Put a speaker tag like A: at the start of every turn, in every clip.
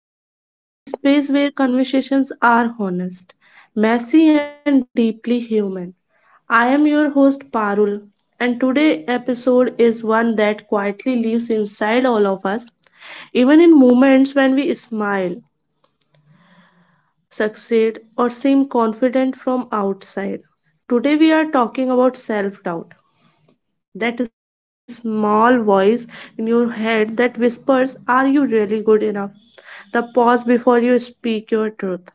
A: figured out, and a space where conversations are honest, messy, and deeply human. I am your host, Parul, and today's episode is one that quietly lives inside all of us, even in moments when we smile, succeed, or seem confident from outside. Today, we are talking about self doubt, that small voice in your head that whispers, are you really good enough? The pause before you speak your truth,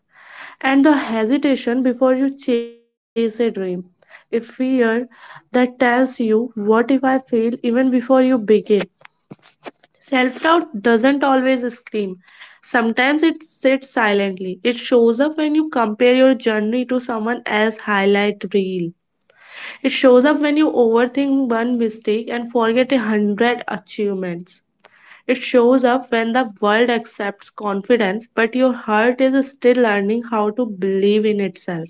A: and the hesitation before you chase a dream. A fear that tells you, what if I fail even before you begin? Self doubt doesn't always scream. Sometimes it sits silently. It shows up when you compare your journey to someone else's highlight reel. It shows up when you overthink one mistake and forget 100 achievements. It shows up when the world accepts confidence, but your heart is still learning how to believe in itself.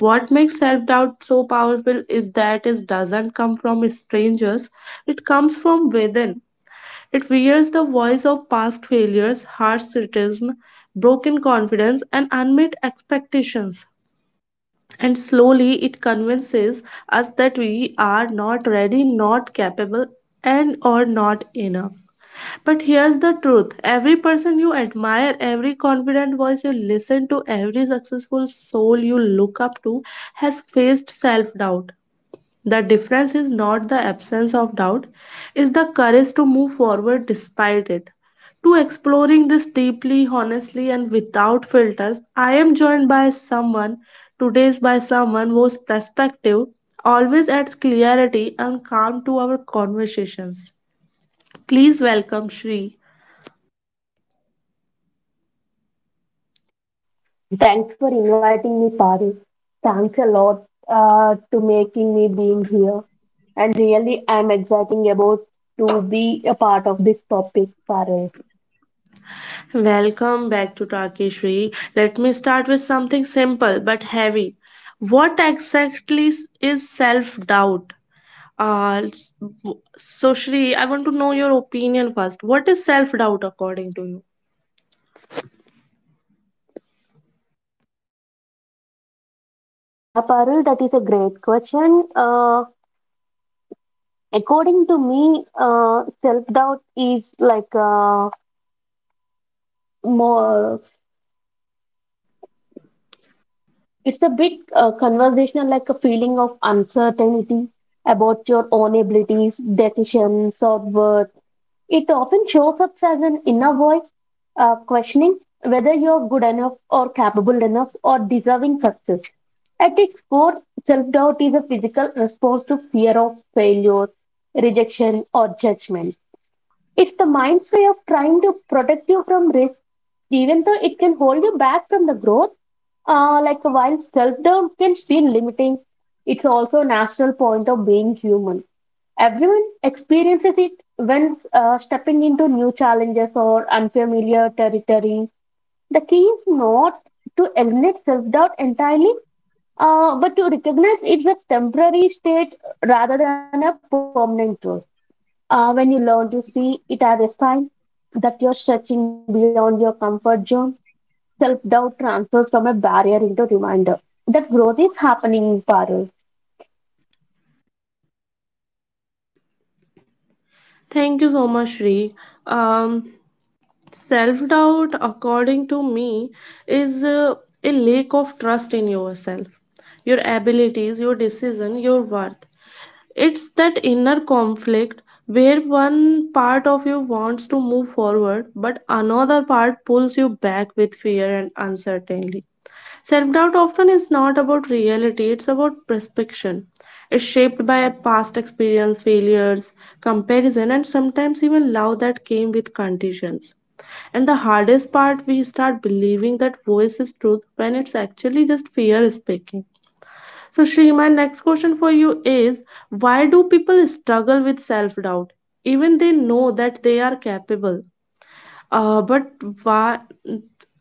A: What makes self doubt so powerful is that it doesn't come from strangers, it comes from within. It wears the voice of past failures, harsh criticism, broken confidence, and unmet expectations, and slowly it convinces us that we are not ready, not capable, and or not enough. But here's the truth: every person you admire, every confident voice you listen to, every successful soul you look up to has faced self doubt. The difference is not the absence of doubt, it's the courage to move forward despite it. To exploring this deeply, honestly, and without filters, I am joined by someone, today's by someone whose perspective always adds clarity and calm to our conversations. Please welcome Shri.
B: Thanks for inviting me, Paris. Thanks a lot to making me being here. And really, I'm excited about to be a part of this topic, Paris.
A: Welcome back to Talkie, Shri. Let me start with something simple but heavy. What exactly is self doubt? So Shri, I want to know your opinion first. What is self doubt according to you?
B: Yeah, Parul, that is a great question. According to me, self doubt is like more, it's a bit conversational, like a feeling of uncertainty about your own abilities, decisions, or worth. It often shows up as an inner voice questioning whether you're good enough or capable enough or deserving success. At its core, self doubt is a physical response to fear of failure, rejection, or judgment. It's the mind's way of trying to protect you from risk, even though it can hold you back from the growth. Like while self doubt can feel limiting, it's also a natural point of being human everyone experiences it when stepping into new challenges or unfamiliar territory. The key is not to eliminate self doubt entirely, but to recognize it's a temporary state rather than a permanent role. When you learn to see it as a sign that you're stretching beyond your comfort zone, self doubt transfers from a barrier into reminder that growth is happening in parallel.
A: Thank you so much, Shri. Um, Self doubt, according to me, is a lack of trust in yourself, your abilities, your decision, your worth. It's that inner conflict where one part of you wants to move forward, but another part pulls you back with fear and uncertainty. Self doubt often is not about reality, it's about perception. It's shaped by past experience, failures, comparison, and sometimes even love that came with conditions. And the hardest part, we start believing that voice is truth when it's actually just fear speaking. So, Shri, my next question for you is, why do people struggle with self doubt, even they know that they are capable? But why,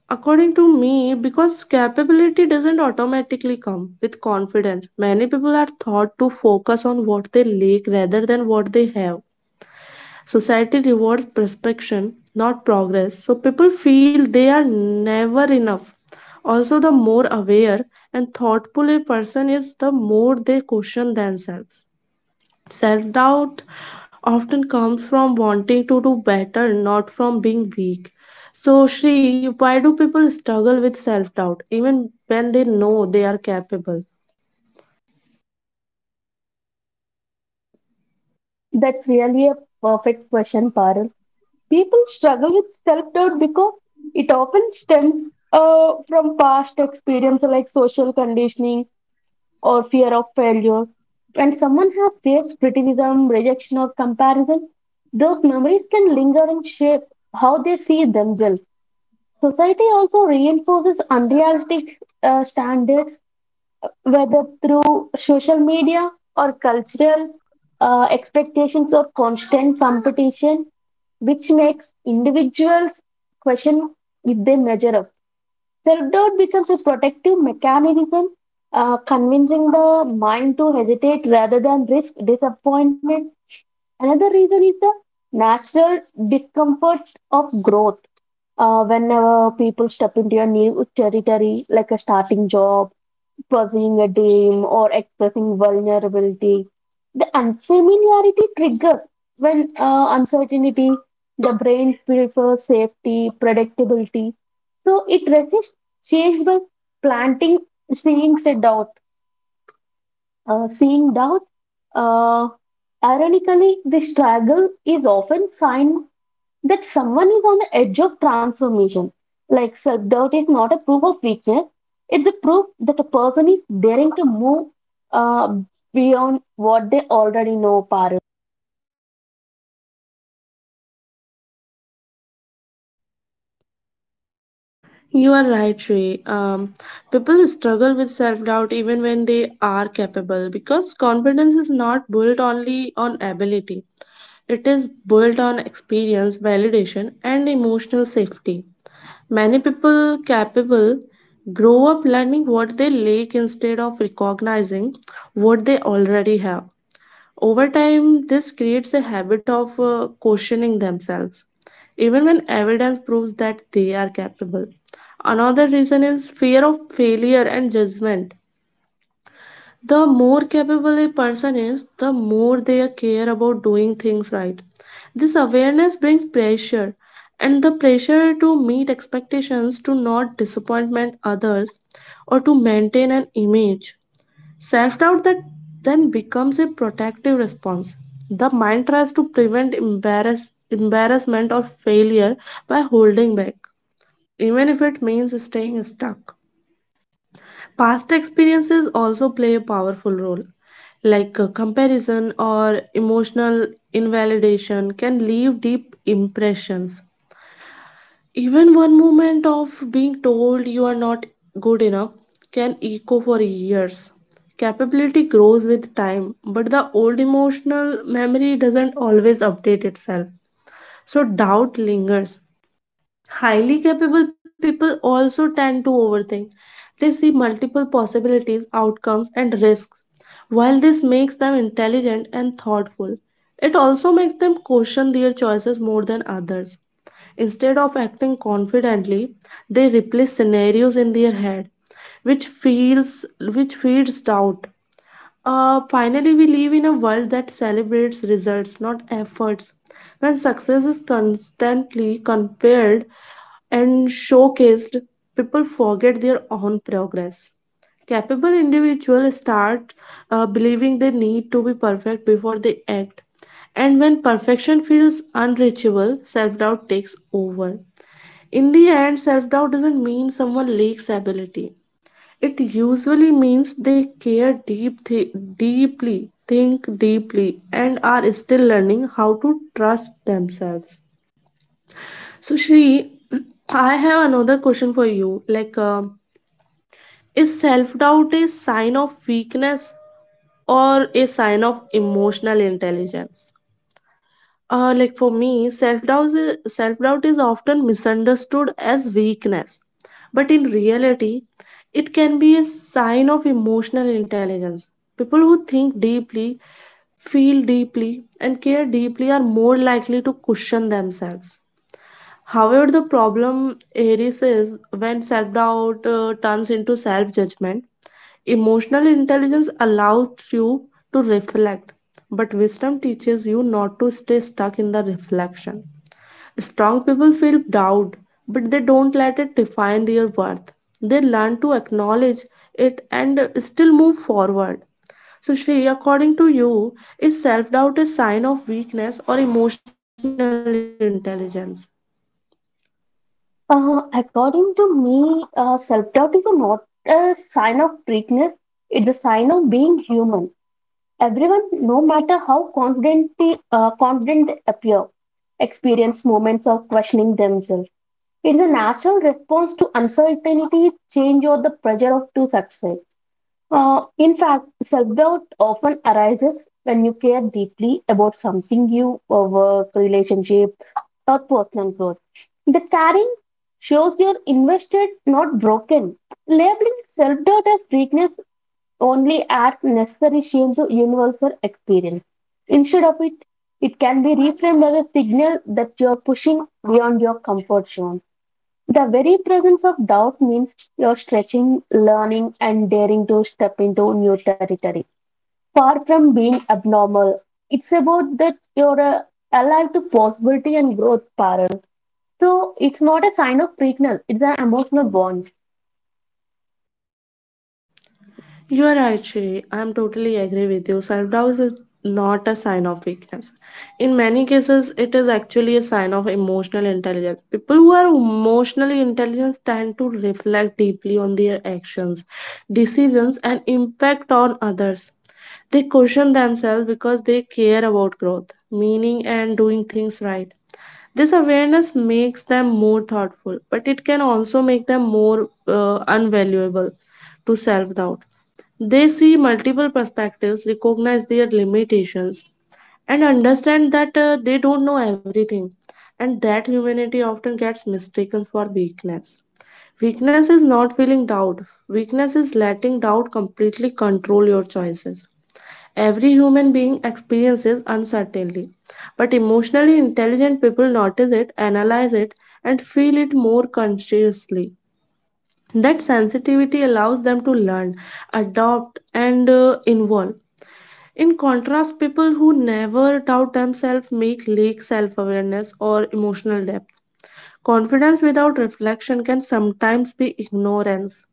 A: according to me, because capability doesn't automatically come with confidence. Many people are taught to focus on what they lack rather than what they have. Society rewards perfection, not progress. So people feel they are never enough. Also, the more aware and thoughtful a person is, the more they question themselves. Self doubt often comes from wanting to do better, not from being weak. So, Shri, why do people struggle with self doubt even when they know they are capable?
B: That's really a perfect question, Parul. People struggle with self doubt because it often stems from past experience like social conditioning or fear of failure. When someone has faced criticism, rejection, or comparison, those memories can linger and shape how they see themselves. Society also reinforces unrealistic standards, whether through social media or cultural expectations or constant competition which makes individuals question if they measure up. Self doubt becomes a protective mechanism, convincing the mind to hesitate rather than risk disappointment. Another reason is the natural discomfort of growth. Whenever people step into a new territory, like a starting job pursuing a dream or expressing vulnerability. The unfamiliarity triggers when uncertainty, the brain prefers safety, predictability. So it resists change by planting, seeing a doubt, seeing doubt. Uh, Ironically, the struggle is often sign that someone is on the edge of transformation. Like self doubt is not a proof of weakness, it's a proof that a person is daring to move uh, beyond what they already know. Paru.
A: You are right, Shri. People struggle with self doubt even when they are capable because confidence is not built only on ability, it is built on experience, validation, and emotional safety. Many people capable grow up learning what they lack instead of recognizing what they already have. Over time, this creates a habit of questioning themselves, even when evidence proves that they are capable. Another reason is fear of failure and judgment. The more capable a person is, the more they care about doing things right. This awareness brings pressure, and the pressure to meet expectations, to not disappointment others, or to maintain an image. Self doubt that then becomes a protective response. The mind tries to prevent embarrassment or failure by holding back, even if it means staying stuck. Past experiences also play a powerful role, like comparison or emotional invalidation can leave deep impressions. Even one moment of being told you are not good enough can echo for years. Capability grows with time, but the old emotional memory doesn't always update itself. So doubt lingers. Highly capable people also tend to overthink. They see multiple possibilities, outcomes, and risks. While this makes them intelligent and thoughtful, it also makes them question their choices more than others. Instead of acting confidently, they replay scenarios in their head, which feeds doubt. Finally, we live in a world that celebrates results, not efforts. When success is constantly compared and showcased, people forget their own progress. Capable individuals start believing they need to be perfect before they act. And when perfection feels unreachable, self doubt takes over. In the end, self doubt doesn't mean someone lacks ability. It usually means they care deeply, think deeply, and are still learning how to trust themselves. So, Shri, I have another question for you. Like, is self doubt a sign of weakness or a sign of emotional intelligence? Like for me, self doubt is often misunderstood as weakness, but in reality, it can be a sign of emotional intelligence. People who think deeply, feel deeply, and care deeply are more likely to question themselves. However, the problem arises when self doubt turns into self judgment. Emotional intelligence allows you to reflect, but wisdom teaches you not to stay stuck in the reflection. Strong people feel doubt, but they don't let it define their worth. They learn to acknowledge it and still move forward. So, Shri, according to you, is self doubt a sign of weakness or emotional intelligence?
B: According to me, self doubt is a not a sign of weakness, it's a sign of being human. Everyone, no matter how confident, confident they appear, experience moments of questioning themselves. It's a natural response to uncertainty, change, or the pressure of to succeed. In fact, self doubt often arises when you care deeply about something you or work, relationship, or personal growth. The caring shows you're invested, not broken. Labeling self doubt as weakness only adds necessary shame to universal experience. Instead of it, it can be reframed as a signal that you're pushing beyond your comfort zone. The very presence of doubt means you're stretching, learning, and daring to step into new territory. Far from being abnormal, it's about that you're alive to possibility and growth, Parul. So it's not a sign of weakness, it's an emotional bond.
A: You are right, Shri. I am totally agree with you. Self doubt is not a sign of weakness. In many cases, it is actually a sign of emotional intelligence. People who are emotionally intelligent tend to reflect deeply on their actions, decisions, and impact on others. They question themselves because they care about growth, meaning, and doing things right. This awareness makes them more thoughtful, but it can also make them more unvaluable to self doubt. They see multiple perspectives, recognize their limitations, and understand that they don't know everything, and that humanity often gets mistaken for weakness. Weakness is not feeling doubt, weakness is letting doubt completely control your choices. Every human being experiences uncertainty, but emotionally intelligent people notice it, analyze it, and feel it more consciously. That sensitivity allows them to learn, adopt, and evolve. In contrast, people who never doubt themselves make lack self awareness or emotional depth. Confidence without reflection can sometimes be ignorance.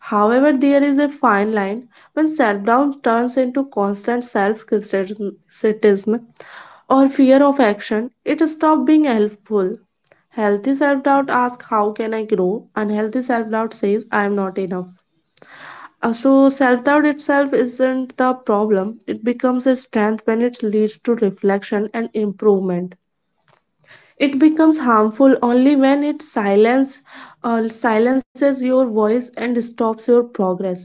A: However, there is a fine line when self doubt turns into constant self criticism or fear of action, it stops being helpful. Healthy self doubt asks, how can I grow? Unhealthy self doubt says, I am not enough. So self doubt itself isn't the problem, it becomes a strength when it leads to reflection and improvement. It becomes harmful only when it silences your voice and stops your progress.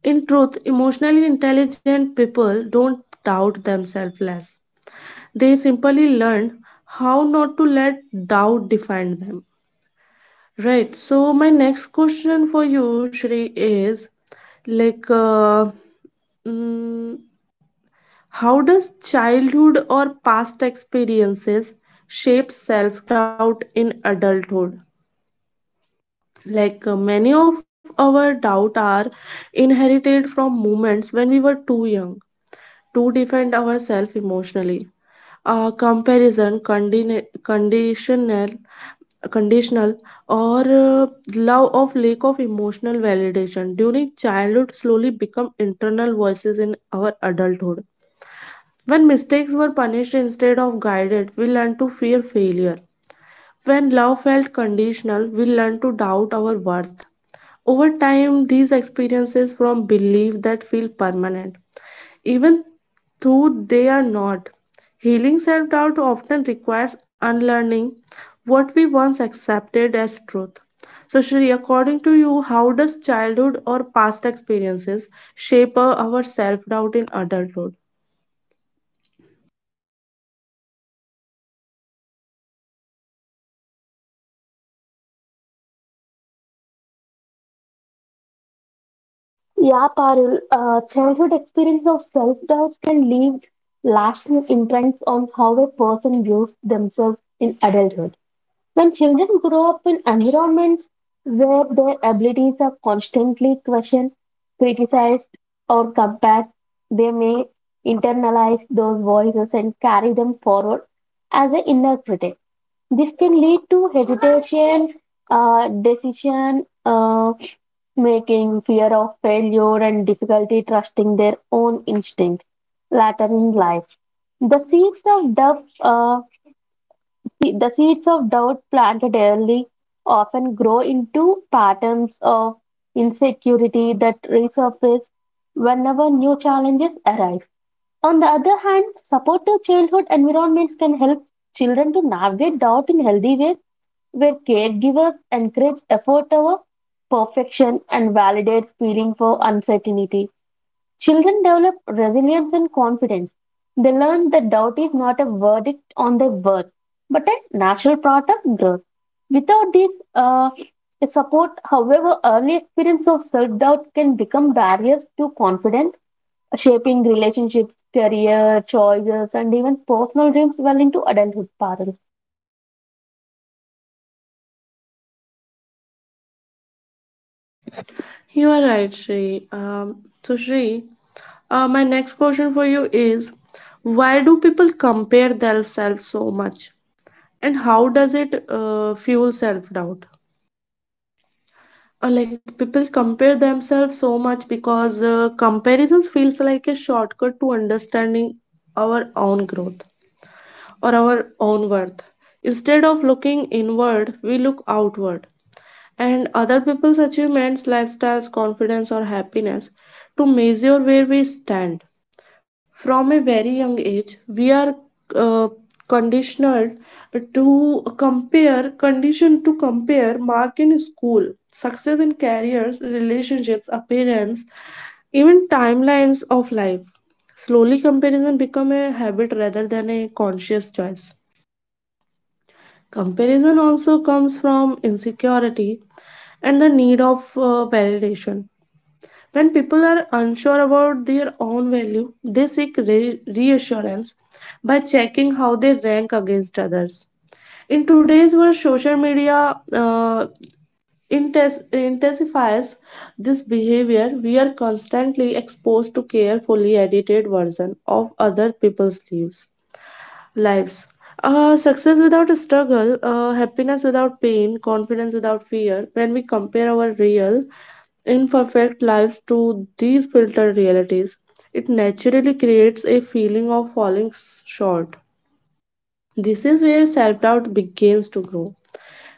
A: In truth, emotionally intelligent people don't doubt themselves less. They simply learn how not to let doubt define them. Right. So my next question for you, Shri, is like. Mm, how does childhood or past experiences shape self doubt in adulthood? Like many of our doubt are inherited from moments when we were too young to defend ourselves emotionally, comparison, conditional, or love of lack of emotional validation during childhood slowly become internal voices in our adulthood. When mistakes were punished instead of guided, we learned to fear failure. When love felt conditional, we learned to doubt our worth. Over time, these experiences from belief that feel permanent, even though they are not. Healing self doubt often requires unlearning what we once accepted as truth. So, Shri, according to you, how does childhood or past experiences shape our self doubt in adulthood?
B: Yeah, Parul, childhood experience of self doubts can leave lasting imprints on how a person views themselves in adulthood. When children grow up in environments where their abilities are constantly questioned, criticized, or compared, they may internalize those voices and carry them forward as an inner critic. This can lead to hesitation, decision making, fear of failure, and difficulty trusting their own instincts later in life. The seeds of doubt. The seeds of doubt planted early often grow into patterns of insecurity that resurface whenever new challenges arise. On the other hand, supportive childhood environments can help children to navigate doubt in healthy ways where caregivers encourage effort over perfection and validate feeling for uncertainty. Children develop resilience and confidence. They learn that doubt is not a verdict on their worth, but a natural part of growth. Without this support, however, early experience of self doubt can become barriers to confidence, shaping relationships, career choices, and even personal dreams well into adulthood. Parul.
A: You are right, Shri. So, Shri, my next question for you is, why do people compare themselves so much? And how does it fuel self doubt? Like people compare themselves so much because comparisons feels like a shortcut to understanding our own growth or our own worth. Instead of looking inward, we look outward and other people's achievements, lifestyles, confidence, or happiness to measure where we stand. From a very young age, we are uh, conditioned to compare, mark in school, success in careers, relationships, appearance, even timelines of life. Slowly, comparison become a habit rather than a conscious choice. Comparison also comes from insecurity and the need of validation. When people are unsure about their own value, they seek reassurance by checking how they rank against others. In today's world, social media uh, intensifies this behavior. We are constantly exposed to carefully edited version of other people's lives. Success without a struggle, happiness without pain, confidence without fear. When we compare our real, imperfect lives to these filtered realities, it naturally creates a feeling of falling short. This is where self doubt begins to grow.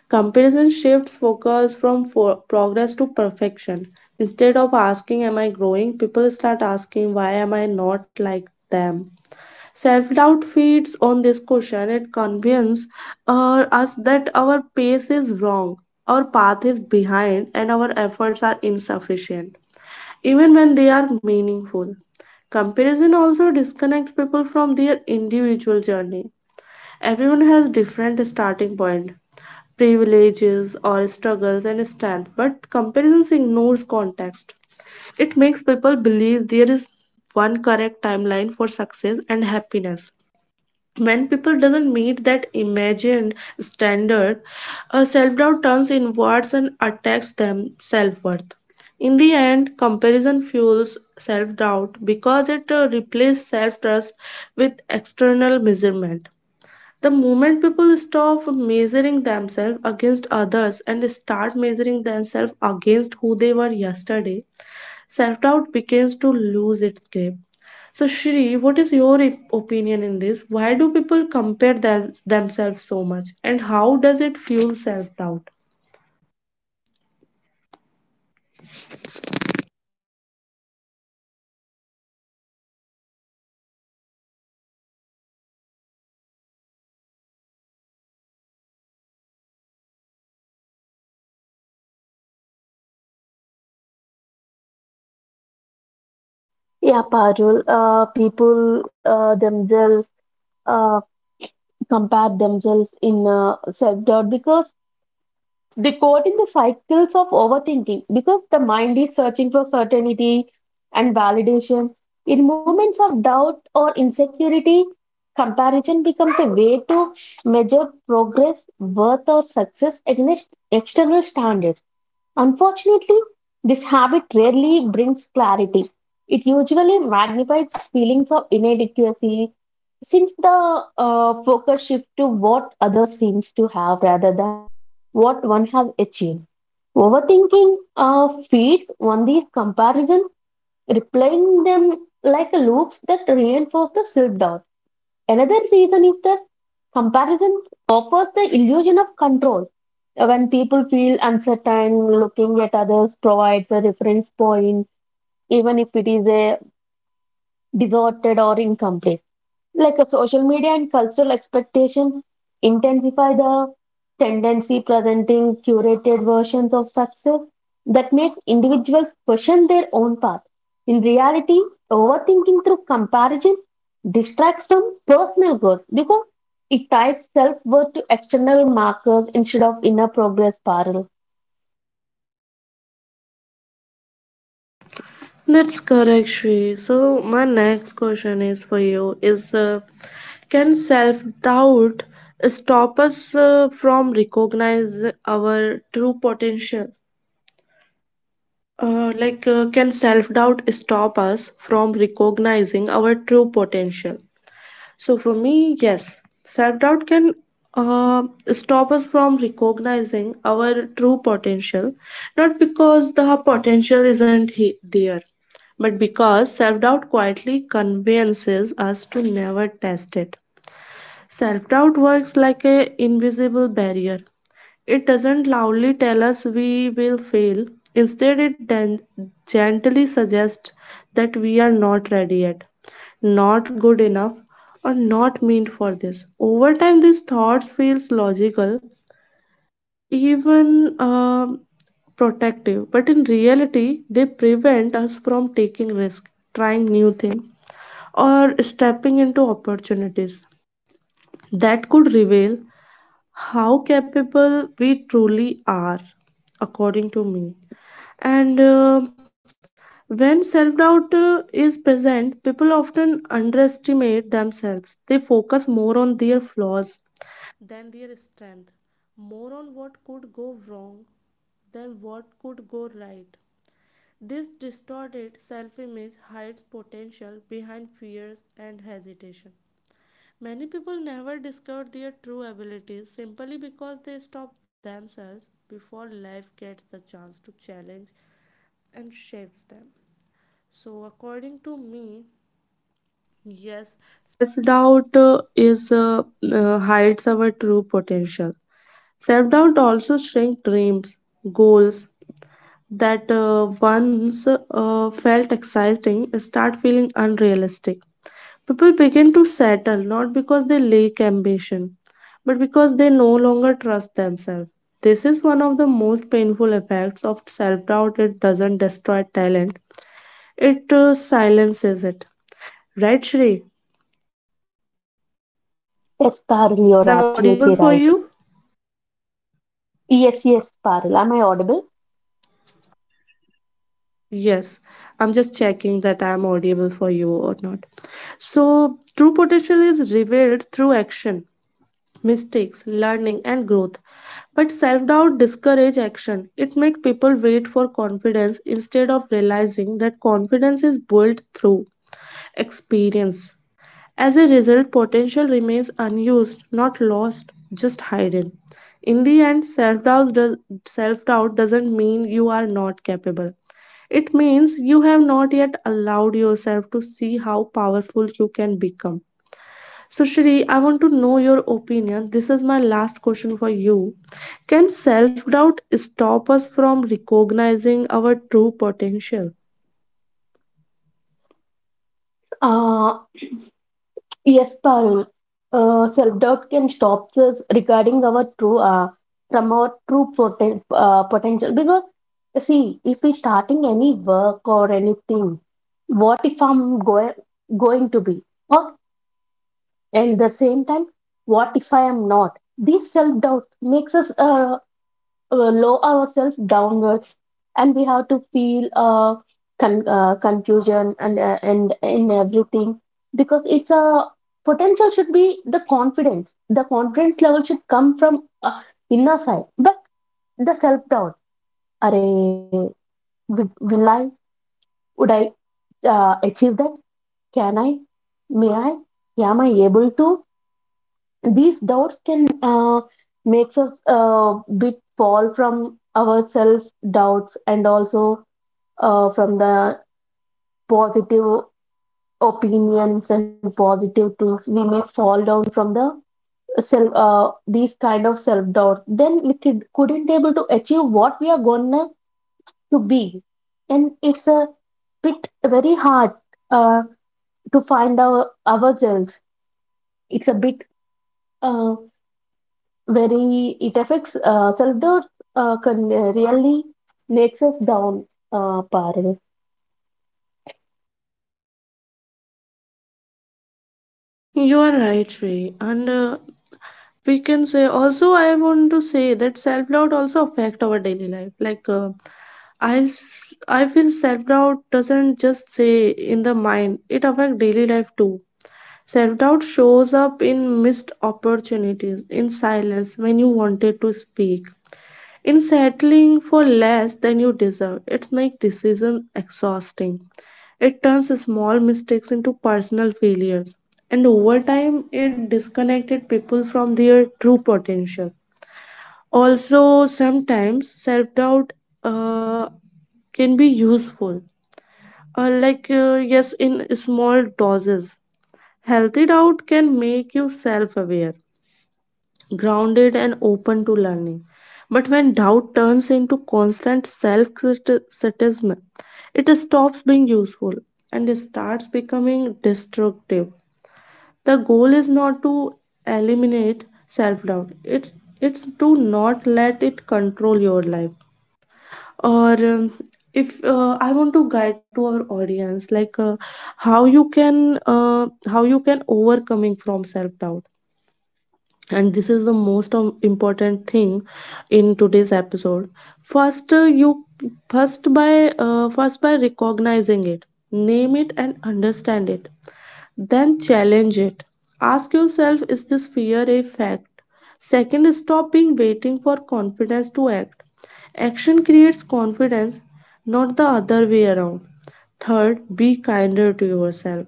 A: Comparison shifts focus from progress to perfection. Instead of asking, am I growing? People start asking, why am I not like them? Self-doubt feeds on this question. It convinces us that our pace is wrong, our path is behind, and our efforts are insufficient, even when they are meaningful. Comparison also disconnects people from their individual journey. Everyone has different starting point, privileges or struggles and strength, but comparison ignores context. It makes people believe there is one correct timeline for success and happiness when people doesn't meet that imagined standard. A self-doubt turns inwards and attacks them self-worth. In the end, comparison fuels self-doubt because it replaces self-trust with external measurement. The moment people stop measuring themselves against others and start measuring themselves against who they were yesterday, self doubt begins to lose its grip. So, Shri, what is your opinion in this? Why do people compare themselves so much, and how does it fuel self doubt?
B: Yeah, Parul. People themselves uh, compare themselves in self doubt because they caught in the cycles of overthinking because the mind is searching for certainty and validation. In moments of doubt or insecurity, comparison becomes a way to measure progress, worth, or success against external standards. Unfortunately, this habit rarely brings clarity. It usually magnifies feelings of inadequacy since the focus shifts to what others seems to have rather than what one has achieved. Overthinking feeds on these comparisons, replaying them like loops that reinforce the self doubt. Another reason is that comparison offers the illusion of control. When people feel uncertain, looking at others provides a reference point, even if it is a distorted or incomplete. Like a social media and cultural expectations intensify the tendency presenting curated versions of success that make individuals question their own path. In reality, overthinking through comparison distracts from personal growth because it ties self worth to external markers instead of inner progress, Parul.
A: That's correct, Shri. So my next question is for you: is can self doubt stop us from recognize our true potential? Can self doubt stop us from recognizing our true potential? So for me, yes, self-doubt can uh, stop us from recognizing our true potential, not because the potential isn't there, but because self-doubt quietly convinces us to never test it. Self-doubt works like a invisible barrier. It doesn't loudly tell us we will fail. Instead, it then gently suggests that we are not ready yet, not good enough, or not meant for this. Over time, these thoughts feels logical, even protective, but in reality, they prevent us from taking risk, trying new things, or stepping into opportunities that could reveal how capable we truly are, according to me. And when self doubt is present, people often underestimate themselves. They focus more on their flaws than their strength, more on what could go wrong than what could go right. This distorted self image hides potential behind fears and hesitation. Many people never discover their true abilities simply because they stop themselves before life gets the chance to challenge and shapes them. So, according to me, yes, self doubt is hides our true potential. Self doubt also shrink dreams, goals that once felt exciting start feeling unrealistic. People begin to settle not because they lack ambition, but because they no longer trust themselves. This is one of the most painful effects of self doubt. It doesn't destroy talent, it silences it. Right, Shri? Is I'm audible for
B: Yes,
A: you?
B: Parul, you're absolutely right. Yes, yes, Parul. Am I audible?
A: Yes, I'm just checking that I'm audible for you or not. So, true potential is revealed through action, mistakes, learning, and growth. But self doubt discourages action. It makes people wait for confidence instead of realizing that confidence is built through experience. As a result, potential remains unused, not lost, just hidden. In the end, self-doubt doesn't mean you are not capable. It means you have not yet allowed yourself to see how powerful you can become. So, Shri, I want to know your opinion. This is my last question for you. Can self doubt stop us from recognizing our true potential?
B: Uh, yes, Parul. Self-doubt can stop us regarding our true, from our true potential. Because, see, if we starting any work or anything, what if I'm going to be? Or, at the same time, what if I am not? These self-doubts makes us lower ourselves downwards and we have to feel confusion and in everything because it's a potential should be the confidence level should come from inner side but the self doubt are will, will I, would I, achieve that, can I, may I, am I able to, these doubts can uh, makes us a bit fall from our self doubts and also from the positive opinions and positive things we may fall down from the self these kind of self doubt then couldn't able to achieve what we are gonna to be and it's a bit very hard uh, to find our ourselves, it's bit uh, very it affects self doubt can really makes us down, Parul.
A: You are right, Shri. And we can say also, I want to say that self doubt also affect our daily life. Like, I feel self doubt doesn't just say in the mind, it affect daily life too. Self doubt shows up in missed opportunities, in silence, when you wanted to speak, in settling for less than you deserve. It makes decision exhausting. It turns small mistakes into personal failures, and over time, it disconnected people from their true potential. Also, sometimes self doubt uh, can be useful, yes, in small doses. Healthy doubt can make you self aware, grounded and open to learning. But when doubt turns into constant self criticism, it stops being useful and starts becoming destructive. The goal is not to eliminate self doubt, it's to not let it control your life. Or if I want to guide to our audience, like, how you can uh, how you can overcoming from self doubt, and this is the most important thing in today's episode. First, you first by first by recognizing it, name it and understand it, then challenge it. Ask yourself, is this fear a fact? Second, stop being waiting for confidence to act. Action creates confidence, not the other way around. Third, be kinder to yourself.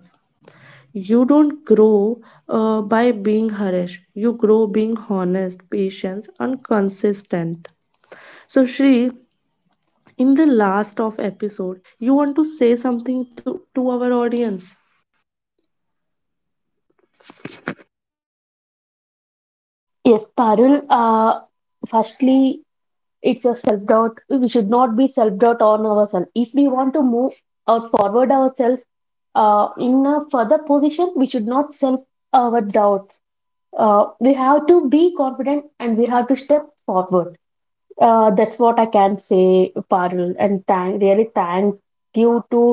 A: You don't grow by being harassed. You grow being honest, patient and consistent. So, Shri, in the last of episode, you want to say something to our audience?
B: Yes, Parul, firstly it's a self doubt. We should not be self doubt on ourselves. If we want to move or forward ourselves in a further position, we should not self our doubts. We have to be confident and we have to step forward. That's what I can say, Parul. And really thank you to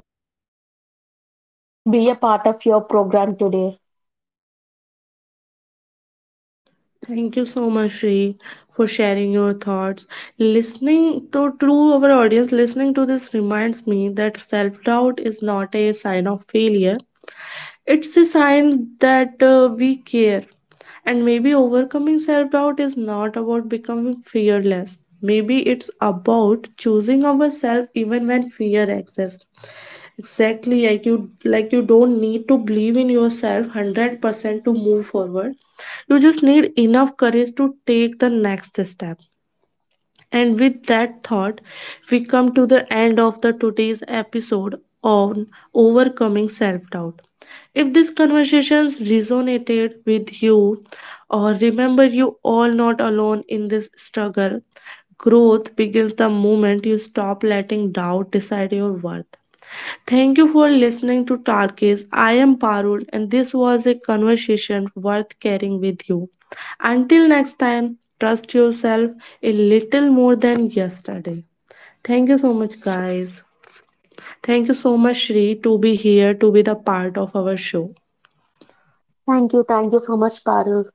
B: be a part of your program today.
A: Thank you so much, Shri, for sharing your thoughts. Listening to our audience, listening to this reminds me that self-doubt is not a sign of failure. It's a sign that we care. And maybe overcoming self doubt is not about becoming fearless. Maybe it's about choosing ourselves even when fear exists. Exactly, like you don't need to believe in yourself 100% to move forward. You just need enough courage to take the next step. And with that thought, we come to the end of the today's episode on overcoming self-doubt. If these conversations resonated with you or remember, you all not alone in this struggle, growth begins the moment you stop letting doubt decide your worth. Thank you for listening to Tarkis. I am Parul, and this was a conversation worth carrying with you. Until next time, trust yourself a little more than yesterday. Thank you so much, guys. Thank you so much, Shri, to be here, to be the part of our show.
B: Thank you. Thank you so much, Parul.